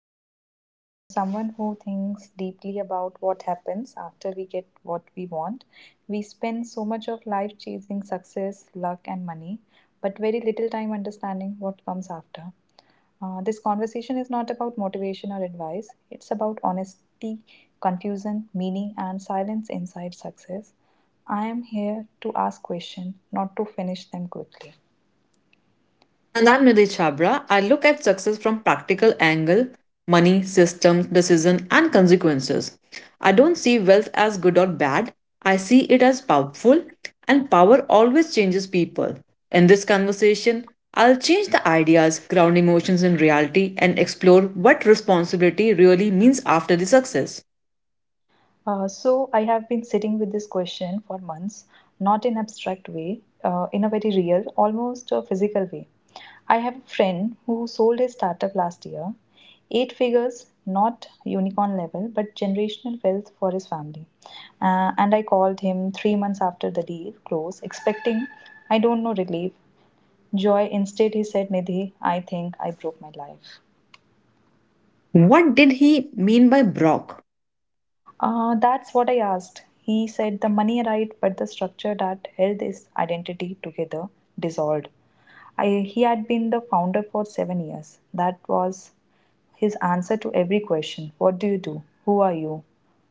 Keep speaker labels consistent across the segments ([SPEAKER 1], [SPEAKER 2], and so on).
[SPEAKER 1] Nidhi Kumari. I'm someone who thinks deeply about what happens after we get what we want. We spend so much of life chasing success, luck, and money, but very little time understanding what comes after. This conversation is not about motivation or advice, it's about honesty, confusion, meaning, and silence inside success. I am here to ask questions, not to finish them quickly.
[SPEAKER 2] And I'm Nidhi Chhabra. I look at success from practical angle, money, systems, decision, and consequences. I don't see wealth as good or bad. I see it as powerful, and power always changes people. In this conversation, I'll change the ideas, ground emotions in reality, and explore what responsibility really means after the success.
[SPEAKER 1] So I have been sitting with this question for months, not in abstract way, in a very real, almost a physical way. I have a friend who sold his startup last year, eight figures, not unicorn level, but generational wealth for his family. And I called him 3 months after the deal close, expecting, I don't know, relief, joy. Instead, he said, Nidhi, I think I broke my life.
[SPEAKER 2] What did he mean by Brock?
[SPEAKER 1] That's what I asked. He said the money arrived, but the structure that held his identity together dissolved. He had been the founder for 7 years. That was his answer to every question. What do you do? Who are you?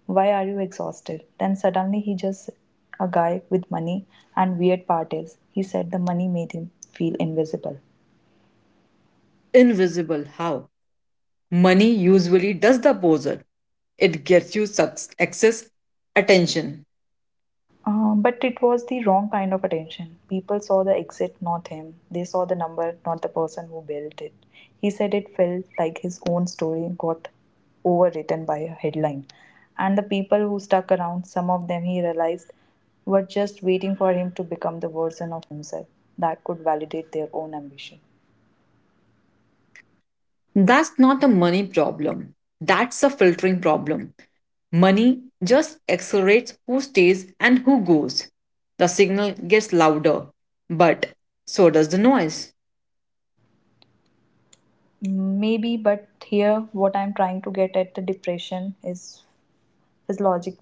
[SPEAKER 1] Why are you exhausted? Then suddenly he just a guy with money, and weird part is he said the money made him feel invisible.
[SPEAKER 2] Invisible how? Money usually does the poser. It gets you sucks excess attention.
[SPEAKER 1] But it was the wrong kind of attention. People saw the exit, not him. They saw the number, not the person who built it. He said it felt like his own story got overwritten by a headline. And the people who stuck around, some of them he realized, were just waiting for him to become the version of himself that could validate their own ambition.
[SPEAKER 2] That's not a money problem. That's a filtering problem. Money just accelerates who stays and who goes. The signal gets louder, but so does the noise.
[SPEAKER 1] Maybe, but here what I'm trying to get at, the depression is physiologic,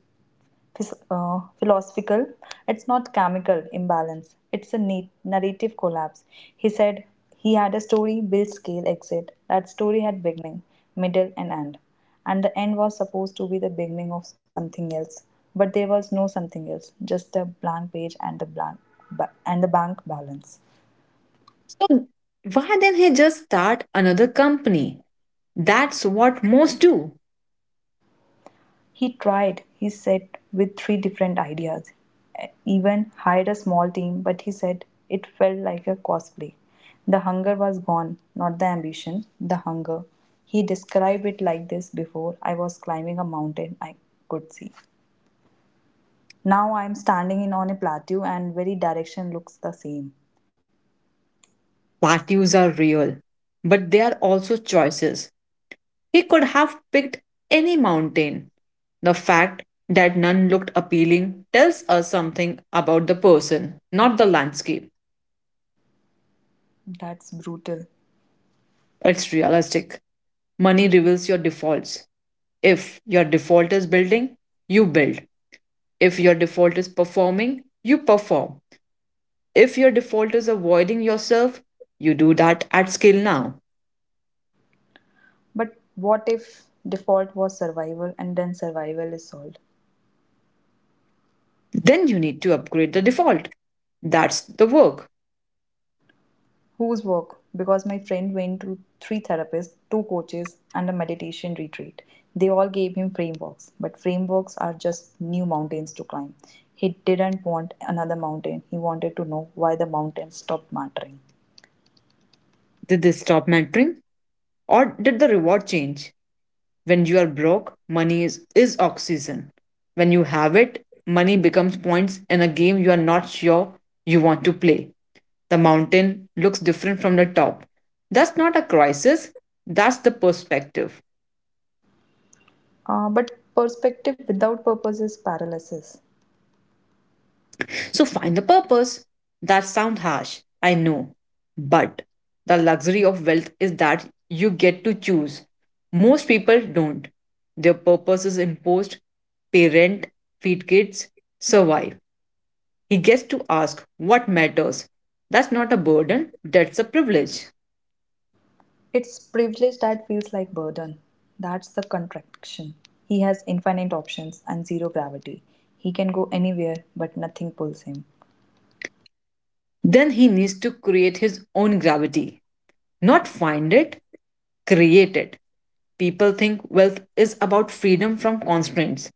[SPEAKER 1] philosophical, it's not chemical imbalance, it's a neat narrative collapse. He said he had a story build scale exit. That story had beginning, middle, and end. And the end was supposed to be the beginning of something else. But there was no something else, just a blank page and the bank balance.
[SPEAKER 2] So why then he just start another company? That's what most do.
[SPEAKER 1] He tried, he said, with three different ideas. Even hired a small team, but he said it felt like a cosplay. The hunger was gone, not the ambition, the hunger. He described it like this, before I was climbing a mountain I could see. Now I am standing in on a plateau and every direction looks the same.
[SPEAKER 2] Values are real, but they are also choices. He could have picked any mountain. The fact that none looked appealing tells us something about the person, not the landscape.
[SPEAKER 1] That's brutal.
[SPEAKER 2] It's realistic. Money reveals your defaults. If your default is building, you build. If your default is performing, you perform. If your default is avoiding yourself, you do that at scale now.
[SPEAKER 1] But what if default was survival and then survival is solved?
[SPEAKER 2] Then you need to upgrade the default. That's the work.
[SPEAKER 1] Whose work? Because my friend went through three therapists, two coaches, and a meditation retreat. They all gave him frameworks, but frameworks are just new mountains to climb. He didn't want another mountain, he wanted to know why the mountain stopped mattering.
[SPEAKER 2] Did they stop mentoring? Or did the reward change? When you are broke, money is oxygen. When you have it, money becomes points in a game you are not sure you want to play. The mountain looks different from the top. That's not a crisis, that's the perspective.
[SPEAKER 1] But perspective without purpose is paralysis.
[SPEAKER 2] So find the purpose. That sounds harsh, I know. But the luxury of wealth is that you get to choose. Most people don't. Their purpose is imposed pay rent, feed kids, survive. He gets to ask what matters. That's not a burden, that's a privilege.
[SPEAKER 1] It's privilege that feels like burden. That's the contraction. He has infinite options and zero gravity. He can go anywhere, but nothing pulls him.
[SPEAKER 2] Then he needs to create his own gravity, not find it, created. People think wealth is about freedom from constraints.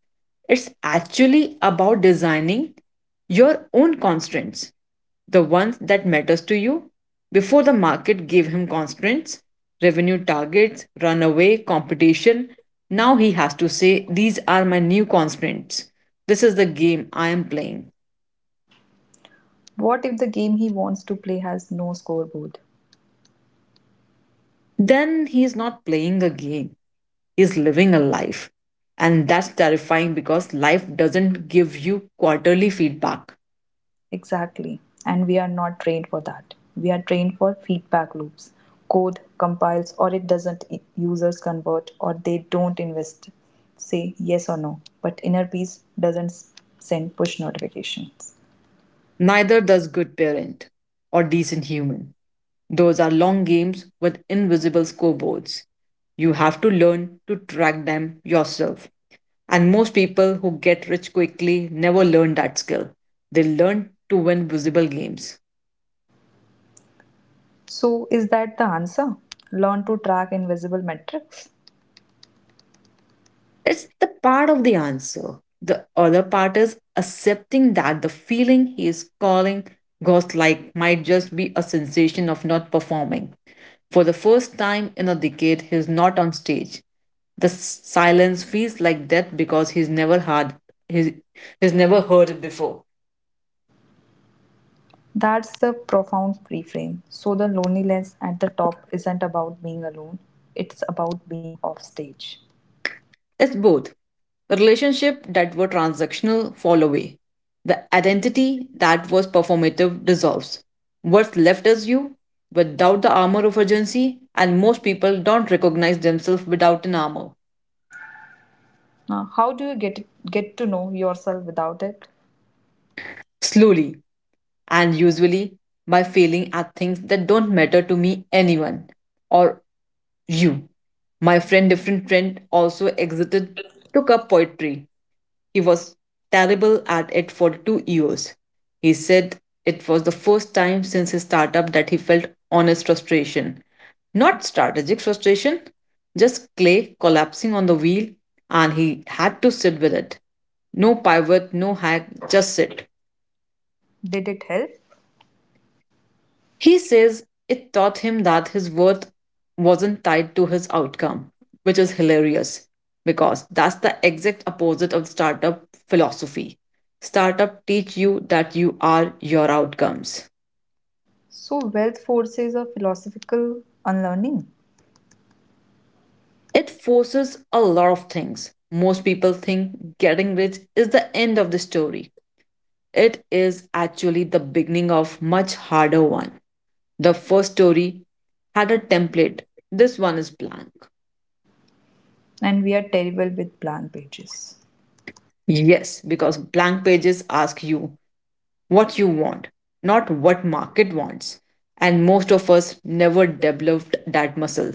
[SPEAKER 2] It's actually about designing your own constraints, the ones that matters to you. Before the market gave him constraints, revenue targets, runaway, competition, now he has to say, these are my new constraints. This is the game I am playing.
[SPEAKER 1] What if the game he wants to play has no scoreboard?
[SPEAKER 2] Then he is not playing a game. Is living a life. And that's terrifying because life doesn't give you quarterly feedback.
[SPEAKER 1] Exactly. And we are not trained for that. We are trained for feedback loops. Code compiles or it doesn't, users convert or they don't, invest, say yes or no. But inner peace doesn't send push notifications.
[SPEAKER 2] Neither does good parent or decent human. Those are long games with invisible scoreboards. You have to learn to track them yourself. And most people who get rich quickly never learn that skill. They learn to win visible games.
[SPEAKER 1] So, is that the answer? Learn to track invisible metrics?
[SPEAKER 2] It's the part of the answer. The other part is accepting that the feeling he is calling ghost like might just be a sensation of not performing. For the first time in a decade, he is not on stage. The silence feels like death because he's, he's never heard it before.
[SPEAKER 1] That's the profound reframe. So, the loneliness at the top isn't about being alone, it's about being off stage.
[SPEAKER 2] It's both. The relationship that were transactional fall away. The identity that was performative dissolves. What's left is you without the armor of urgency, and most people don't recognize themselves without an armor.
[SPEAKER 1] Now, how do you get to know yourself without it?
[SPEAKER 2] Slowly, and usually by failing at things that don't matter to me, anyone, or you. My friend, different friend, also exited, took up poetry. He was terrible at it for 2 years. He said it was the first time since his startup that he felt honest frustration. Not strategic frustration, just clay collapsing on the wheel, and he had to sit with it. No pivot, no hack, just sit.
[SPEAKER 1] Did it help?
[SPEAKER 2] He says it taught him that his worth wasn't tied to his outcome, which is hilarious because that's the exact opposite of startup philosophy. Startup teach you that you are your outcomes.
[SPEAKER 1] So, wealth forces a philosophical unlearning,
[SPEAKER 2] It forces a lot of things. Most people think getting rich is the end of the story. It is actually the beginning of much harder one. The first story had a template. This one is blank.
[SPEAKER 1] and we are terrible with blank pages.
[SPEAKER 2] Yes, because blank pages ask you what you want, not what market wants. And most of us never developed that muscle.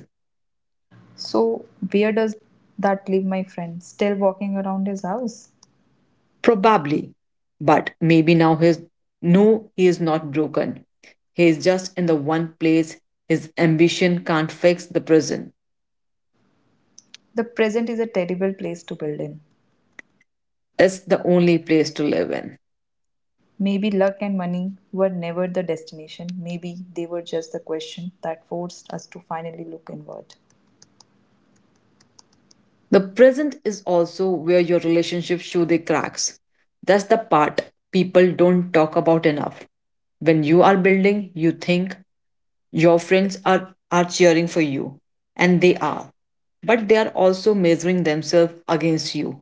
[SPEAKER 1] So, where does that leave my friend? Still walking around his house?
[SPEAKER 2] Probably. But maybe now he's no, he is not broken. He is just in the one place his ambition can't fix the prison.
[SPEAKER 1] The present is a terrible place to build in.
[SPEAKER 2] It's the only place to live in.
[SPEAKER 1] Maybe luck and money were never the destination. Maybe they were just the question that forced us to finally look inward.
[SPEAKER 2] The present is also where your relationships show their cracks. That's the part people don't talk about enough. When you are building, you think your friends are cheering for you, and they are, but they are also measuring themselves against you.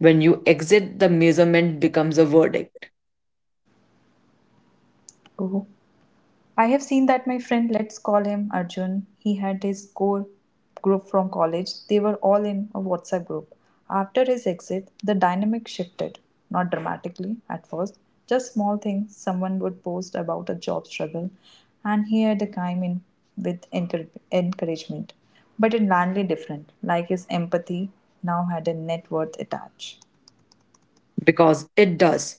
[SPEAKER 2] When you exit, the measurement becomes a verdict
[SPEAKER 1] Oh, I have seen that. My friend, let's call him Arjun, he had his core group from college. They were all in a WhatsApp group. After his exit, the dynamic shifted, not dramatically at first, just small things. Someone would post about a job struggle, and he had a in with encouragement, but it landly different, like his empathy now had a net worth attached.
[SPEAKER 2] because it does.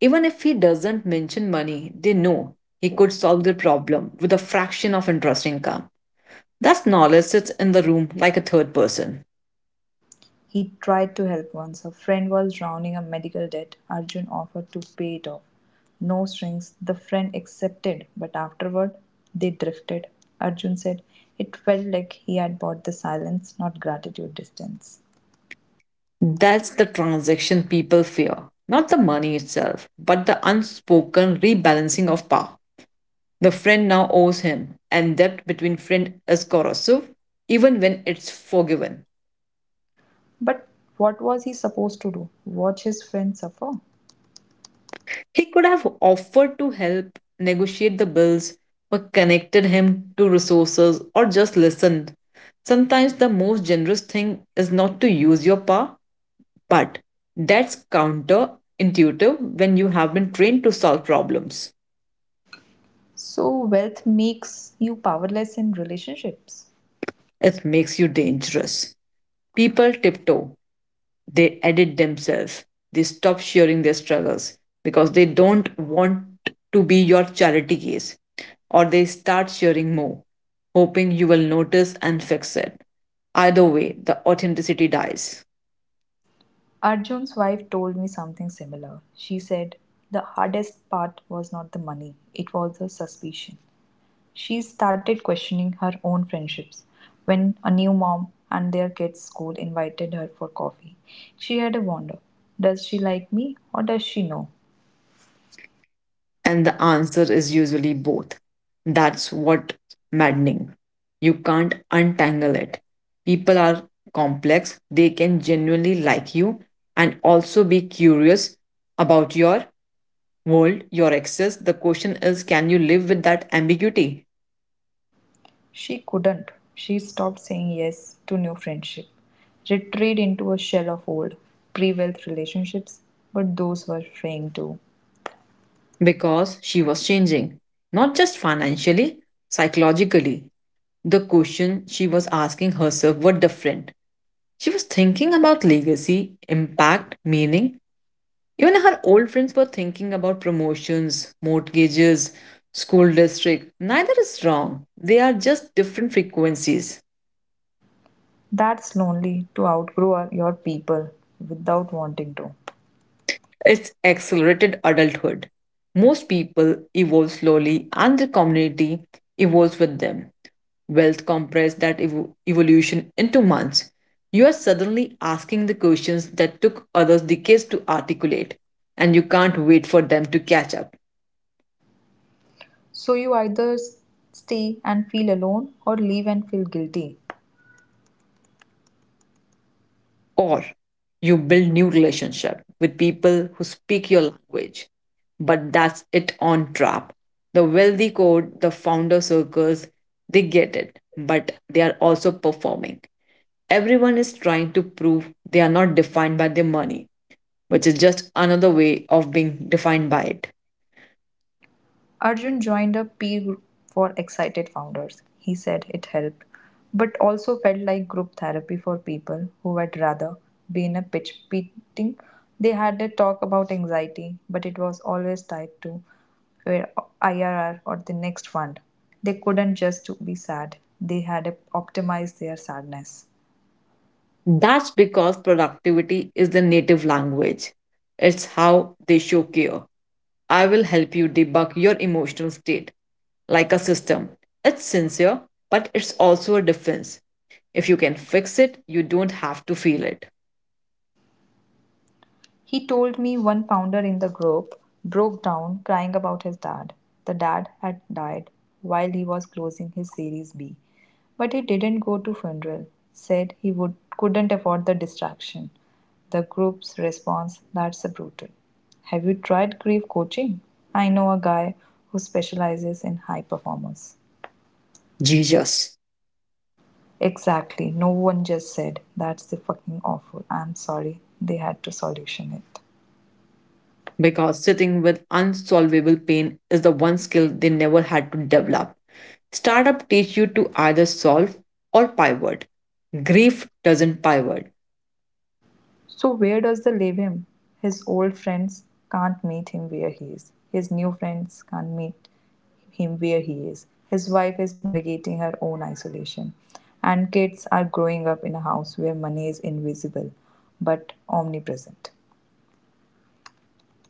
[SPEAKER 2] Even if he doesn't mention money, they know he could solve the problem with a fraction of interest income. That knowledge sits in the room like a third person.
[SPEAKER 1] He tried to help once. A friend was drowning a medical debt. Arjun offered to pay it off. No strings. The friend accepted, but afterward they drifted. Arjun said it felt like he had bought the silence, not gratitude distance.
[SPEAKER 2] That's the transaction people fear. Not the money itself, but the unspoken rebalancing of power. The friend now owes him, and debt between friend is corrosive, even when it's forgiven.
[SPEAKER 1] But what was he supposed to do? Watch his friend suffer?
[SPEAKER 2] He could have offered to help negotiate the bills, or connected him to resources, or just listened. Sometimes the most generous thing is not to use your power, but that's counterintuitive when you have been trained to solve problems.
[SPEAKER 1] So, wealth makes you powerless in relationships.
[SPEAKER 2] It makes you dangerous. People tiptoe. They edit themselves. They stop sharing their struggles because they don't want to be your charity case, or they start sharing more hoping you will notice and fix it. Either way, the authenticity dies.
[SPEAKER 1] Arjun's wife told me something similar. She said, the hardest part was not the money, it was the suspicion. She started questioning her own friendships when a new mom and their kids' school invited her for coffee. She had a wonder, does she like me or does she know?
[SPEAKER 2] And the answer is usually both. That's what maddening. You can't untangle it. People are complex. They can genuinely like you and also be curious about your world, your excess. The question is, can you live with that ambiguity?
[SPEAKER 1] She couldn't. She stopped saying yes to new friendship, retreated into a shell of old, pre wealth relationships, but those were fraying too.
[SPEAKER 2] Because she was changing, not just financially, psychologically. The question she was asking herself were different. She was thinking about legacy, impact, meaning. Even her old friends were thinking about promotions, mortgages, school district. Neither is wrong. They are just different frequencies.
[SPEAKER 1] That's lonely, to outgrow your people without wanting to.
[SPEAKER 2] It's accelerated adulthood. Most people evolve slowly and the community evolves with them. Wealth compressed that evolution into months. You are suddenly asking the questions that took others decades to articulate, and you can't wait for them to catch up.
[SPEAKER 1] So you either stay and feel alone or leave and feel guilty.
[SPEAKER 2] Or you build new relationship with people who speak your language, but that's it on trap. The wealthy code, the founder circles, they get it, but they are also performing. Everyone is trying to prove they are not defined by their money, which is just another way of being defined by it.
[SPEAKER 1] Arjun joined a peer group for excited founders. He said it helped, but also felt like group therapy for people who had rather be in a pitch meeting. They had a talk about anxiety, but it was always tied to IRR or the next fund. They couldn't just be sad, they had optimized their sadness.
[SPEAKER 2] That's because productivity is the native language. It's how they show care. I will help you debug your emotional state like a system. It's sincere, but it's also a defense. If you can fix it, you don't have to feel it.
[SPEAKER 1] He told me one founder in the group broke down crying about his dad. The dad had died while he was closing his Series B, but he didn't go to funeral, said he would couldn't afford the distraction. The group's response, that's brutal. Have you tried grief coaching? I know a guy who specializes in high performers.
[SPEAKER 2] Jesus.
[SPEAKER 1] Exactly. No one just said that's the fucking awful. I'm sorry. They had to solution it.
[SPEAKER 2] Because sitting with unsolvable pain is the one skill they never had to develop. Startup teach you to either solve or pivot. Grief doesn't pivot.
[SPEAKER 1] So where does they leave him? His old friends can't meet him where he is. His new friends can't meet him where he is. His wife is navigating her own isolation. And kids are growing up in a house where money is invisible but omnipresent.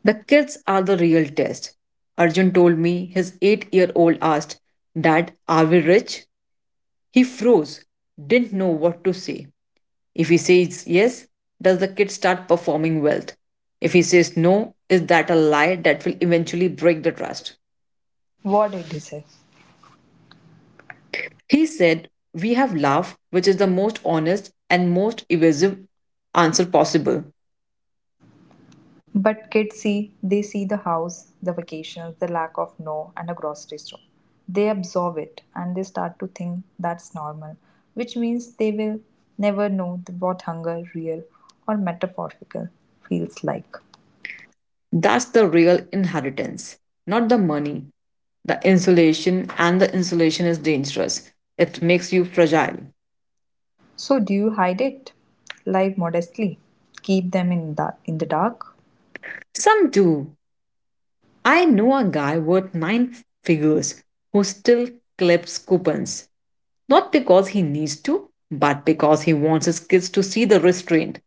[SPEAKER 2] The kids are the real test. Arjun told me his 8 year old asked, dad, are we rich? He froze, didn't know what to say. If he says yes, does the kid start performing wealth? If he says no, is that a lie that will eventually break the trust?
[SPEAKER 1] What did he say?
[SPEAKER 2] He said, we have love, which is the most honest and most evasive answer possible.
[SPEAKER 1] But kids see, they see the house, the vacations, the lack of no, and a grocery store. They absorb it and they start to think that's normal, which means they will never know what hunger, real or metaphorical, feels like.
[SPEAKER 2] That's the real inheritance, not the money, the insulation, and the insulation is dangerous. It makes you fragile.
[SPEAKER 1] So, do you hide it? Lie modestly? Keep them in, in the dark?
[SPEAKER 2] Some do. I know a guy worth nine figures who still clips coupons, not because he needs to, but because he wants his kids to see the restraint.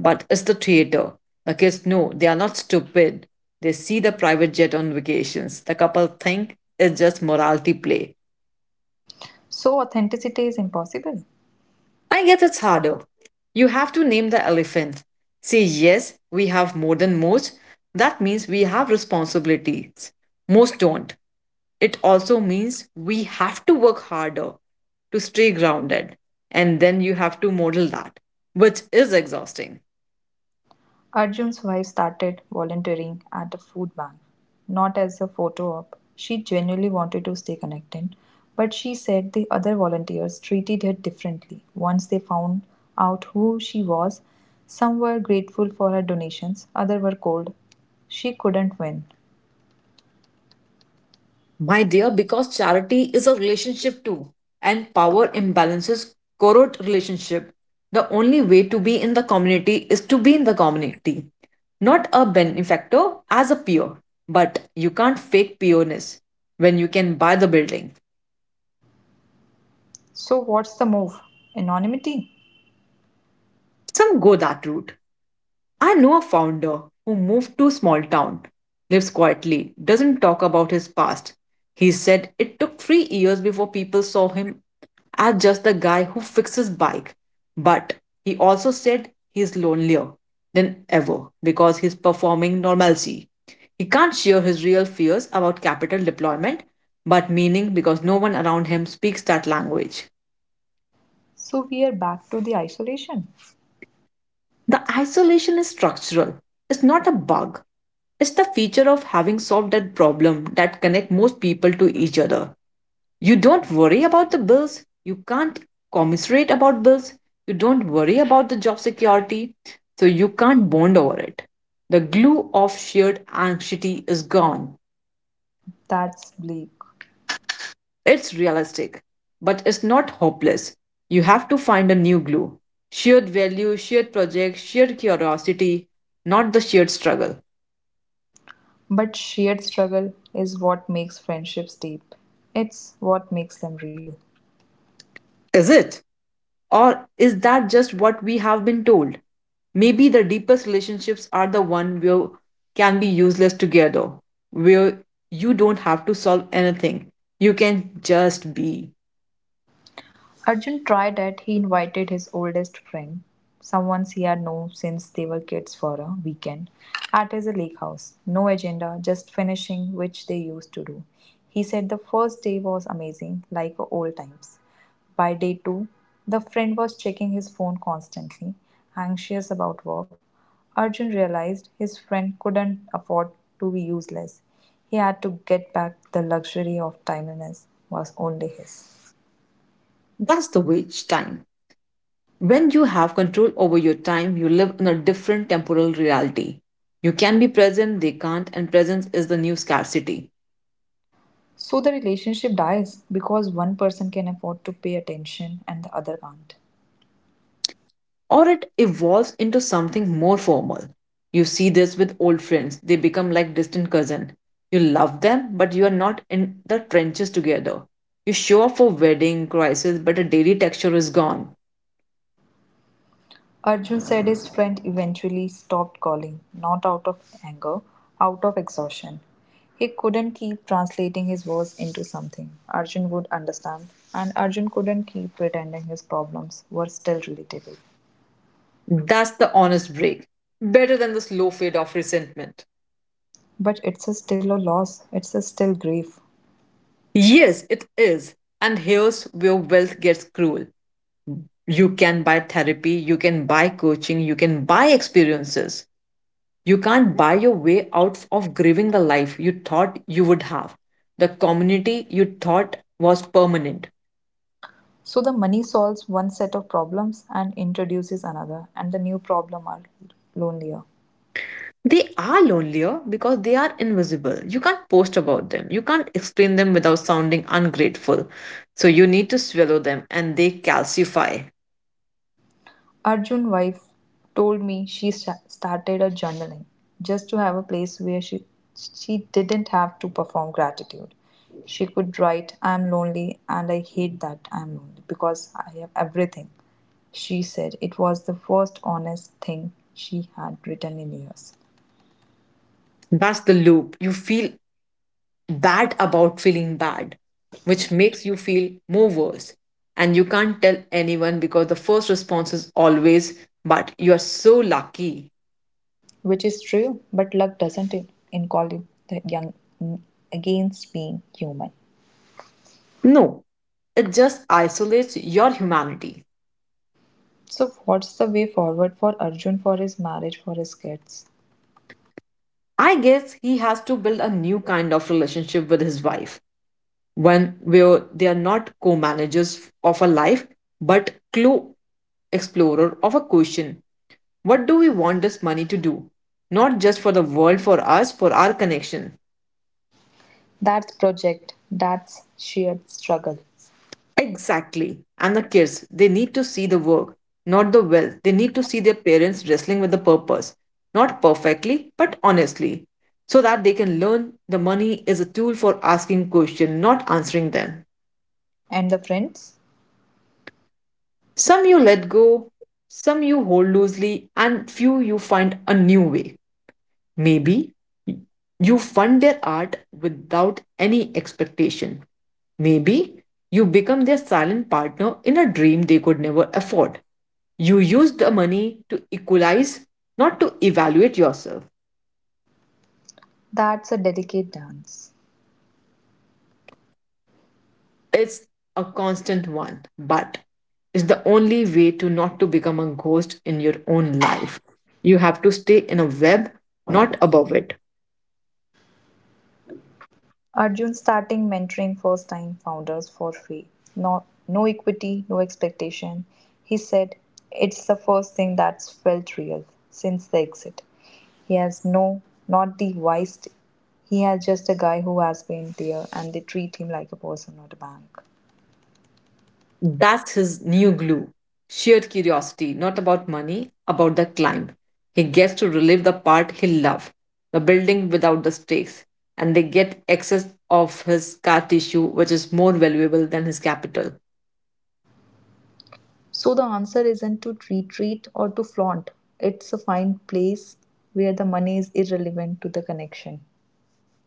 [SPEAKER 2] But it's the theater. The kids know they are not stupid. They see the private jet on vacations. The couple think it's just morality play.
[SPEAKER 1] So, authenticity is impossible.
[SPEAKER 2] I guess it's harder. You have to name the elephant. Say, yes, we have more than most. That means we have responsibilities. Most don't. It also means we have to work harder to stay grounded. And then you have to model that, which is exhausting.
[SPEAKER 1] Arjun's wife started volunteering at a food bank, not as a photo op. She genuinely wanted to stay connected, but she said the other volunteers treated her differently once they found out who she was. Some were grateful for her donations, others were cold. She couldn't win.
[SPEAKER 2] My dear, because charity is a relationship too, and power imbalances corrode relationship. The only way to be in the community is to be in the community, not a benefactor as a peer. But you can't fake peerness when you can buy the building.
[SPEAKER 1] So, what's the move? Anonymity?
[SPEAKER 2] Some go that route. I know a founder who moved to a small town, lives quietly, doesn't talk about his past. He said it took 3 years before people saw him as just the guy who fixes bike. But he also said he's lonelier than ever because he's performing normalcy. He can't share his real fears about capital deployment, but meaning because no one around him speaks that language.
[SPEAKER 1] So, we are back to the isolation.
[SPEAKER 2] The isolation is structural. It's not a bug. It's the feature of having solved that problem that connect most people to each other. You don't worry about the bills. You can't commiserate about bills. You don't worry about the job security. So you can't bond over it. The glue of shared anxiety is gone.
[SPEAKER 1] That's bleak.
[SPEAKER 2] It's realistic, but it's not hopeless. You have to find a new glue. Shared value, shared project, shared curiosity, not the shared struggle.
[SPEAKER 1] But shared struggle is what makes friendships deep. It's what makes them real.
[SPEAKER 2] Is it? Or is that just what we have been told? Maybe the deepest relationships are the one where can be useless together, where you don't have to solve anything. You can just be.
[SPEAKER 1] Arjun tried it. He invited his oldest friend, someone he had known since they were kids, for a weekend at his lake house. No agenda, just finishing, which they used to do. He said the first day was amazing, like old times. By day two, the friend was checking his phone constantly, anxious about work. Arjun realized his friend couldn't afford to be useless. He had to get back, the luxury of timeliness was only his.
[SPEAKER 2] That's the wage time. When you have control over your time, you live in a different temporal reality. You can be present, they can't, and presence is the new scarcity.
[SPEAKER 1] So the relationship dies because one person can afford to pay attention and the other can't.
[SPEAKER 2] Or it evolves into something more formal. You see this with old friends, they become like distant cousin. You love them, but you are not in the trenches together. You show up for wedding, crisis, but the daily texture is gone.
[SPEAKER 1] Arjun said his friend eventually stopped calling, not out of anger, out of exhaustion. He couldn't keep translating his words into something Arjun would understand, and Arjun couldn't keep pretending his problems were still relatable.
[SPEAKER 2] That's the honest break. Better than the slow fade of resentment.
[SPEAKER 1] But it's a still a loss, it's a still grief.
[SPEAKER 2] Yes, it is. And here's where wealth gets cruel. You can buy therapy, you can buy coaching, you can buy experiences. You can't buy your way out of grieving the life you thought you would have, the community you thought was permanent.
[SPEAKER 1] So the money solves one set of problems and introduces another, and the new problem are lonelier.
[SPEAKER 2] They are lonelier because they are invisible. You can't post about them, you can't explain them without sounding ungrateful. So you need to swallow them and they calcify.
[SPEAKER 1] Arjun's wife told me she started a journaling just to have a place where she didn't have to perform gratitude. She could write, I'm lonely and I hate that I'm lonely because I have everything. She said it was the first honest thing she had written in years.
[SPEAKER 2] That's the loop. You feel bad about feeling bad, which makes you feel more worse. And you can't tell anyone because the first response is always, but you are so lucky.
[SPEAKER 1] Which is true, but luck doesn't it in calling the young, mm, against being human.
[SPEAKER 2] No, it just isolates your humanity.
[SPEAKER 1] So what's the way forward for Arjun, for his marriage, for his kids?
[SPEAKER 2] I guess he has to build a new kind of relationship with his wife, one where they are not co managers of a life, but clue explorer of a question. What do we want this money to do? Not just for the world, for us, for our connection.
[SPEAKER 1] That's project, that's shared struggle.
[SPEAKER 2] Exactly. And the kids, they need to see the work, not the wealth. They need to see their parents wrestling with the purpose, not perfectly, but honestly, so that they can learn the money is a tool for asking questions, not answering them.
[SPEAKER 1] And the friends?
[SPEAKER 2] Some you let go, some you hold loosely, and few you find a new way. Maybe you fund their art without any expectation. Maybe you become their silent partner in a dream they could never afford. You use the money to equalize, not to evaluate yourself.
[SPEAKER 1] That's a delicate dance.
[SPEAKER 2] It's a constant one, but it's the only way to not to become a ghost in your own life. You have to stay in a web, not above it.
[SPEAKER 1] Arjun starting mentoring first time founders for free. No equity, no expectation. He said it's the first thing that's felt real since the exit. He has no, not the wise. He has just a guy who has been there and they treat him like a person, not a bank.
[SPEAKER 2] That's his new glue. Sheer curiosity, not about money, about the climb. He gets to relive the part he loves, the building without the stakes, and they get access of his scar tissue, which is more valuable than his capital.
[SPEAKER 1] So the answer isn't to retreat or to flaunt. It's a fine place where the money is irrelevant to the connection.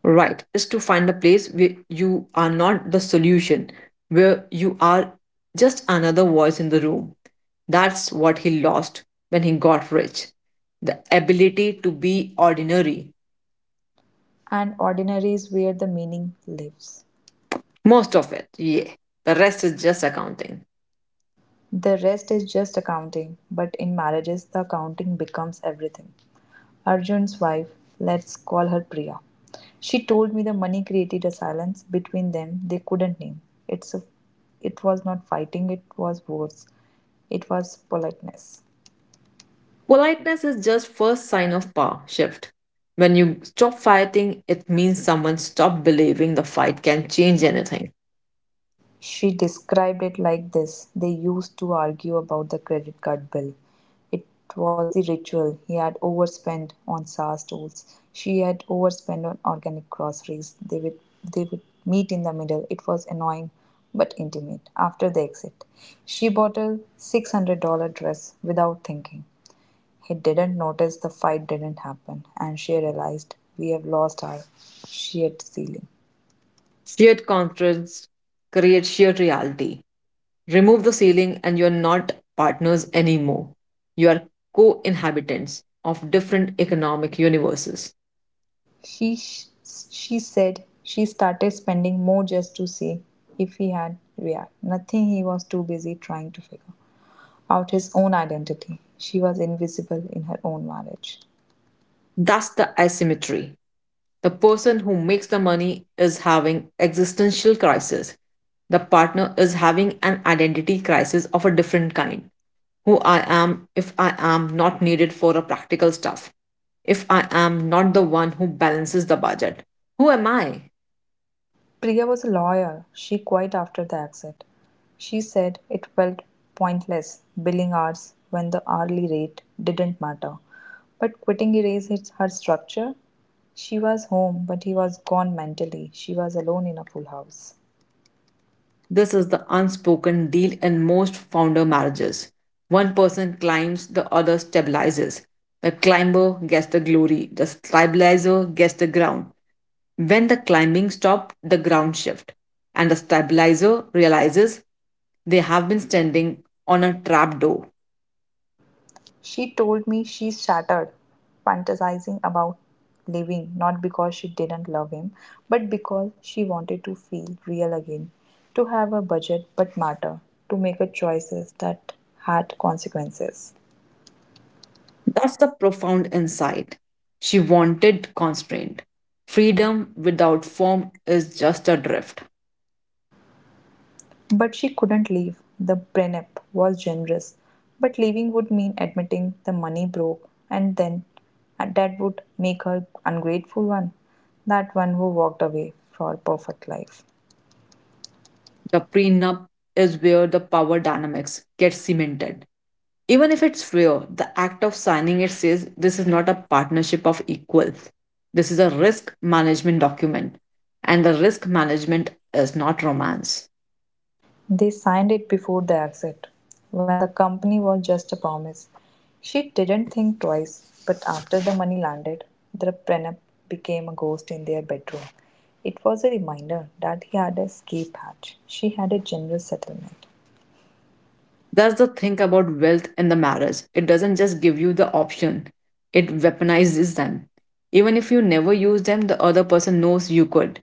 [SPEAKER 2] Right, is to find a place where you are not the solution, where you are just another voice in the room. That's what he lost when he got rich the ability to be ordinary.
[SPEAKER 1] And ordinary is where the meaning lives.
[SPEAKER 2] Most of it, yeah. The rest is just accounting.
[SPEAKER 1] The rest is just accounting, but in marriages, the accounting becomes everything. Arjun's wife, let's call her Priya. She told me the money created a silence between them they couldn't name. It's a, it was not fighting, it was words. It was politeness.
[SPEAKER 2] Politeness is just first sign of power shift. When you stop fighting, it means someone stopped believing the fight can change anything.
[SPEAKER 1] She described it like this. They used to argue about the credit card bill. It was the ritual. He had overspent on sour stools. She had overspent on organic groceries. They would meet in the middle. It was annoying but intimate. After the exit, she bought a $600 dress without thinking. He didn't notice the fight didn't happen, and she realized we have lost our shared ceiling.
[SPEAKER 2] Shared contrast creates shared reality. Remove the ceiling, and you are not partners anymore. You are co inhabitants of different economic universes.
[SPEAKER 1] She sh- she said she started spending more just to see if he had react. Nothing, he was too busy trying to figure out his own identity. She was invisible in her own marriage.
[SPEAKER 2] That's the asymmetry. The person who makes the money is having existential crisis. The partner is having an identity crisis of a different kind. Who I am if I am not needed for a practical stuff. If I am not the one who balances the budget. Who am I?
[SPEAKER 1] Priya was a lawyer. She quit after the exit. She said it felt pointless billing hours when the hourly rate didn't matter. But quitting erased her structure. She was home, but he was gone mentally. She was alone in a full house.
[SPEAKER 2] This is the unspoken deal in most founder marriages. One person climbs, the other stabilizes. The climber gets the glory, the stabilizer gets the ground. When the climbing stops, the ground shifts, and the stabilizer realizes they have been standing on a trapdoor.
[SPEAKER 1] She told me she's shattered, fantasizing about leaving, not because she didn't love him, but because she wanted to feel real again, to have a budget but matter, to make her choices that had consequences.
[SPEAKER 2] That's the profound insight. She wanted constraint. Freedom without form is just a drift.
[SPEAKER 1] But she couldn't leave. The Brennep was generous, but leaving would mean admitting the money broke, and then and that would make her ungrateful one, that one who walked away for a perfect life.
[SPEAKER 2] The prenup is where the power dynamics get cemented. Even if it's rare, the act of signing it says this is not a partnership of equals. This is a risk management document, and the risk management is not romance.
[SPEAKER 1] They signed it before the exit, when the company was just a promise. She didn't think twice, but after the money landed, the prenup became a ghost in their bedroom. It was a reminder that he had a escape hatch. She had a generous settlement.
[SPEAKER 2] That's the thing about wealth in the marriage. It doesn't just give you the option, it weaponizes them. Even if you never use them, the other person knows you could.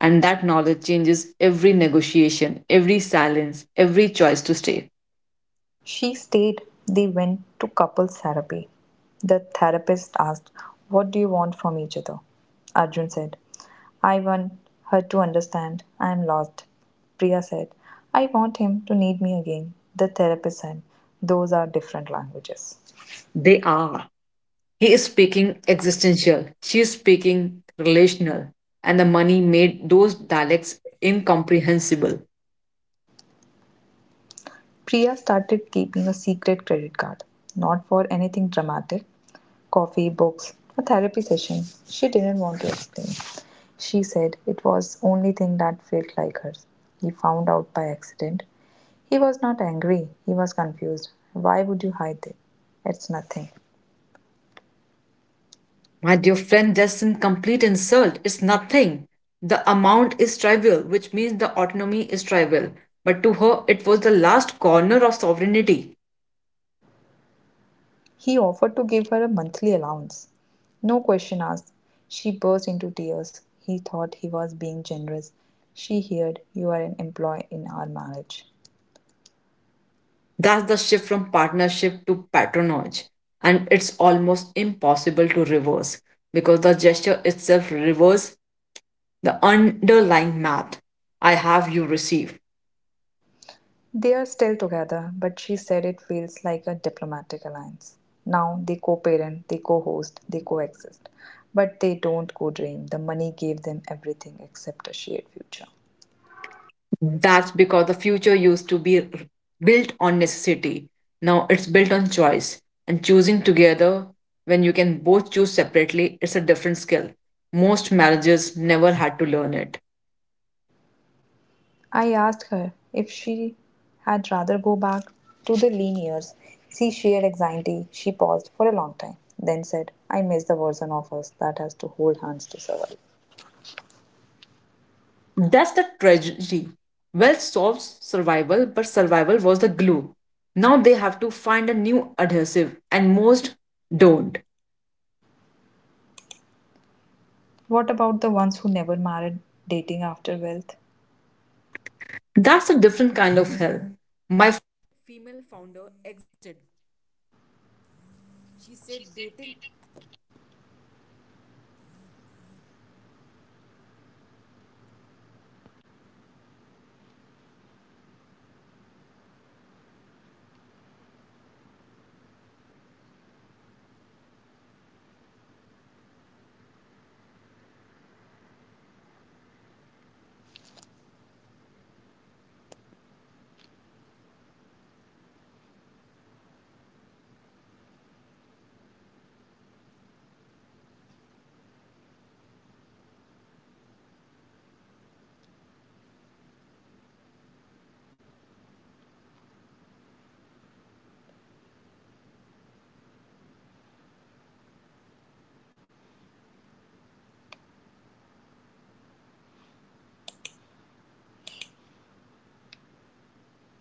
[SPEAKER 2] And that knowledge changes every negotiation, every silence, every choice to stay.
[SPEAKER 1] She stayed. They went to couples therapy. The therapist asked, what do you want from each other? Arjun said, I want her to understand I am lost. Priya said, I want him to need me again. The therapist said, those are different languages.
[SPEAKER 2] They are. He is speaking existential, she is speaking relational, and the money made those dialects incomprehensible.
[SPEAKER 1] Priya started keeping a secret credit card, not for anything dramatic, coffee, books, a therapy session. She didn't want to explain. She said it was only thing that felt like hers. He found out by accident. He was not angry, he was confused. Why would you hide it? It's nothing.
[SPEAKER 2] My dear friend, that's an complete insult. It's nothing. The amount is trivial, which means the autonomy is trivial. But to her, it was the last corner of sovereignty.
[SPEAKER 1] He offered to give her a monthly allowance. No question asked. She burst into tears. He thought he was being generous. She heard, you are an employee in our marriage.
[SPEAKER 2] That's the shift from partnership to patronage. And it's almost impossible to reverse because the gesture itself reverses the underlying math I have you receive.
[SPEAKER 1] They are still together, but she said it feels like a diplomatic alliance. Now they co parent, they co host, they coexist, but they don't co dream. The money gave them everything except a shared future.
[SPEAKER 2] That's because the future used to be built on necessity. Now it's built on choice and choosing together when you can both choose separately. It's a different skill. Most marriages never had to learn it.
[SPEAKER 1] I asked her if she had rather go back to the lean years. She shared anxiety. She paused for a long time, then said, I miss the version of us that has to hold hands to survive.
[SPEAKER 2] That's the tragedy. Wealth solves survival, but survival was the glue. Now they have to find a new adhesive, and most don't.
[SPEAKER 1] What about the ones who never married, dating after wealth?
[SPEAKER 2] That's a different kind of hell.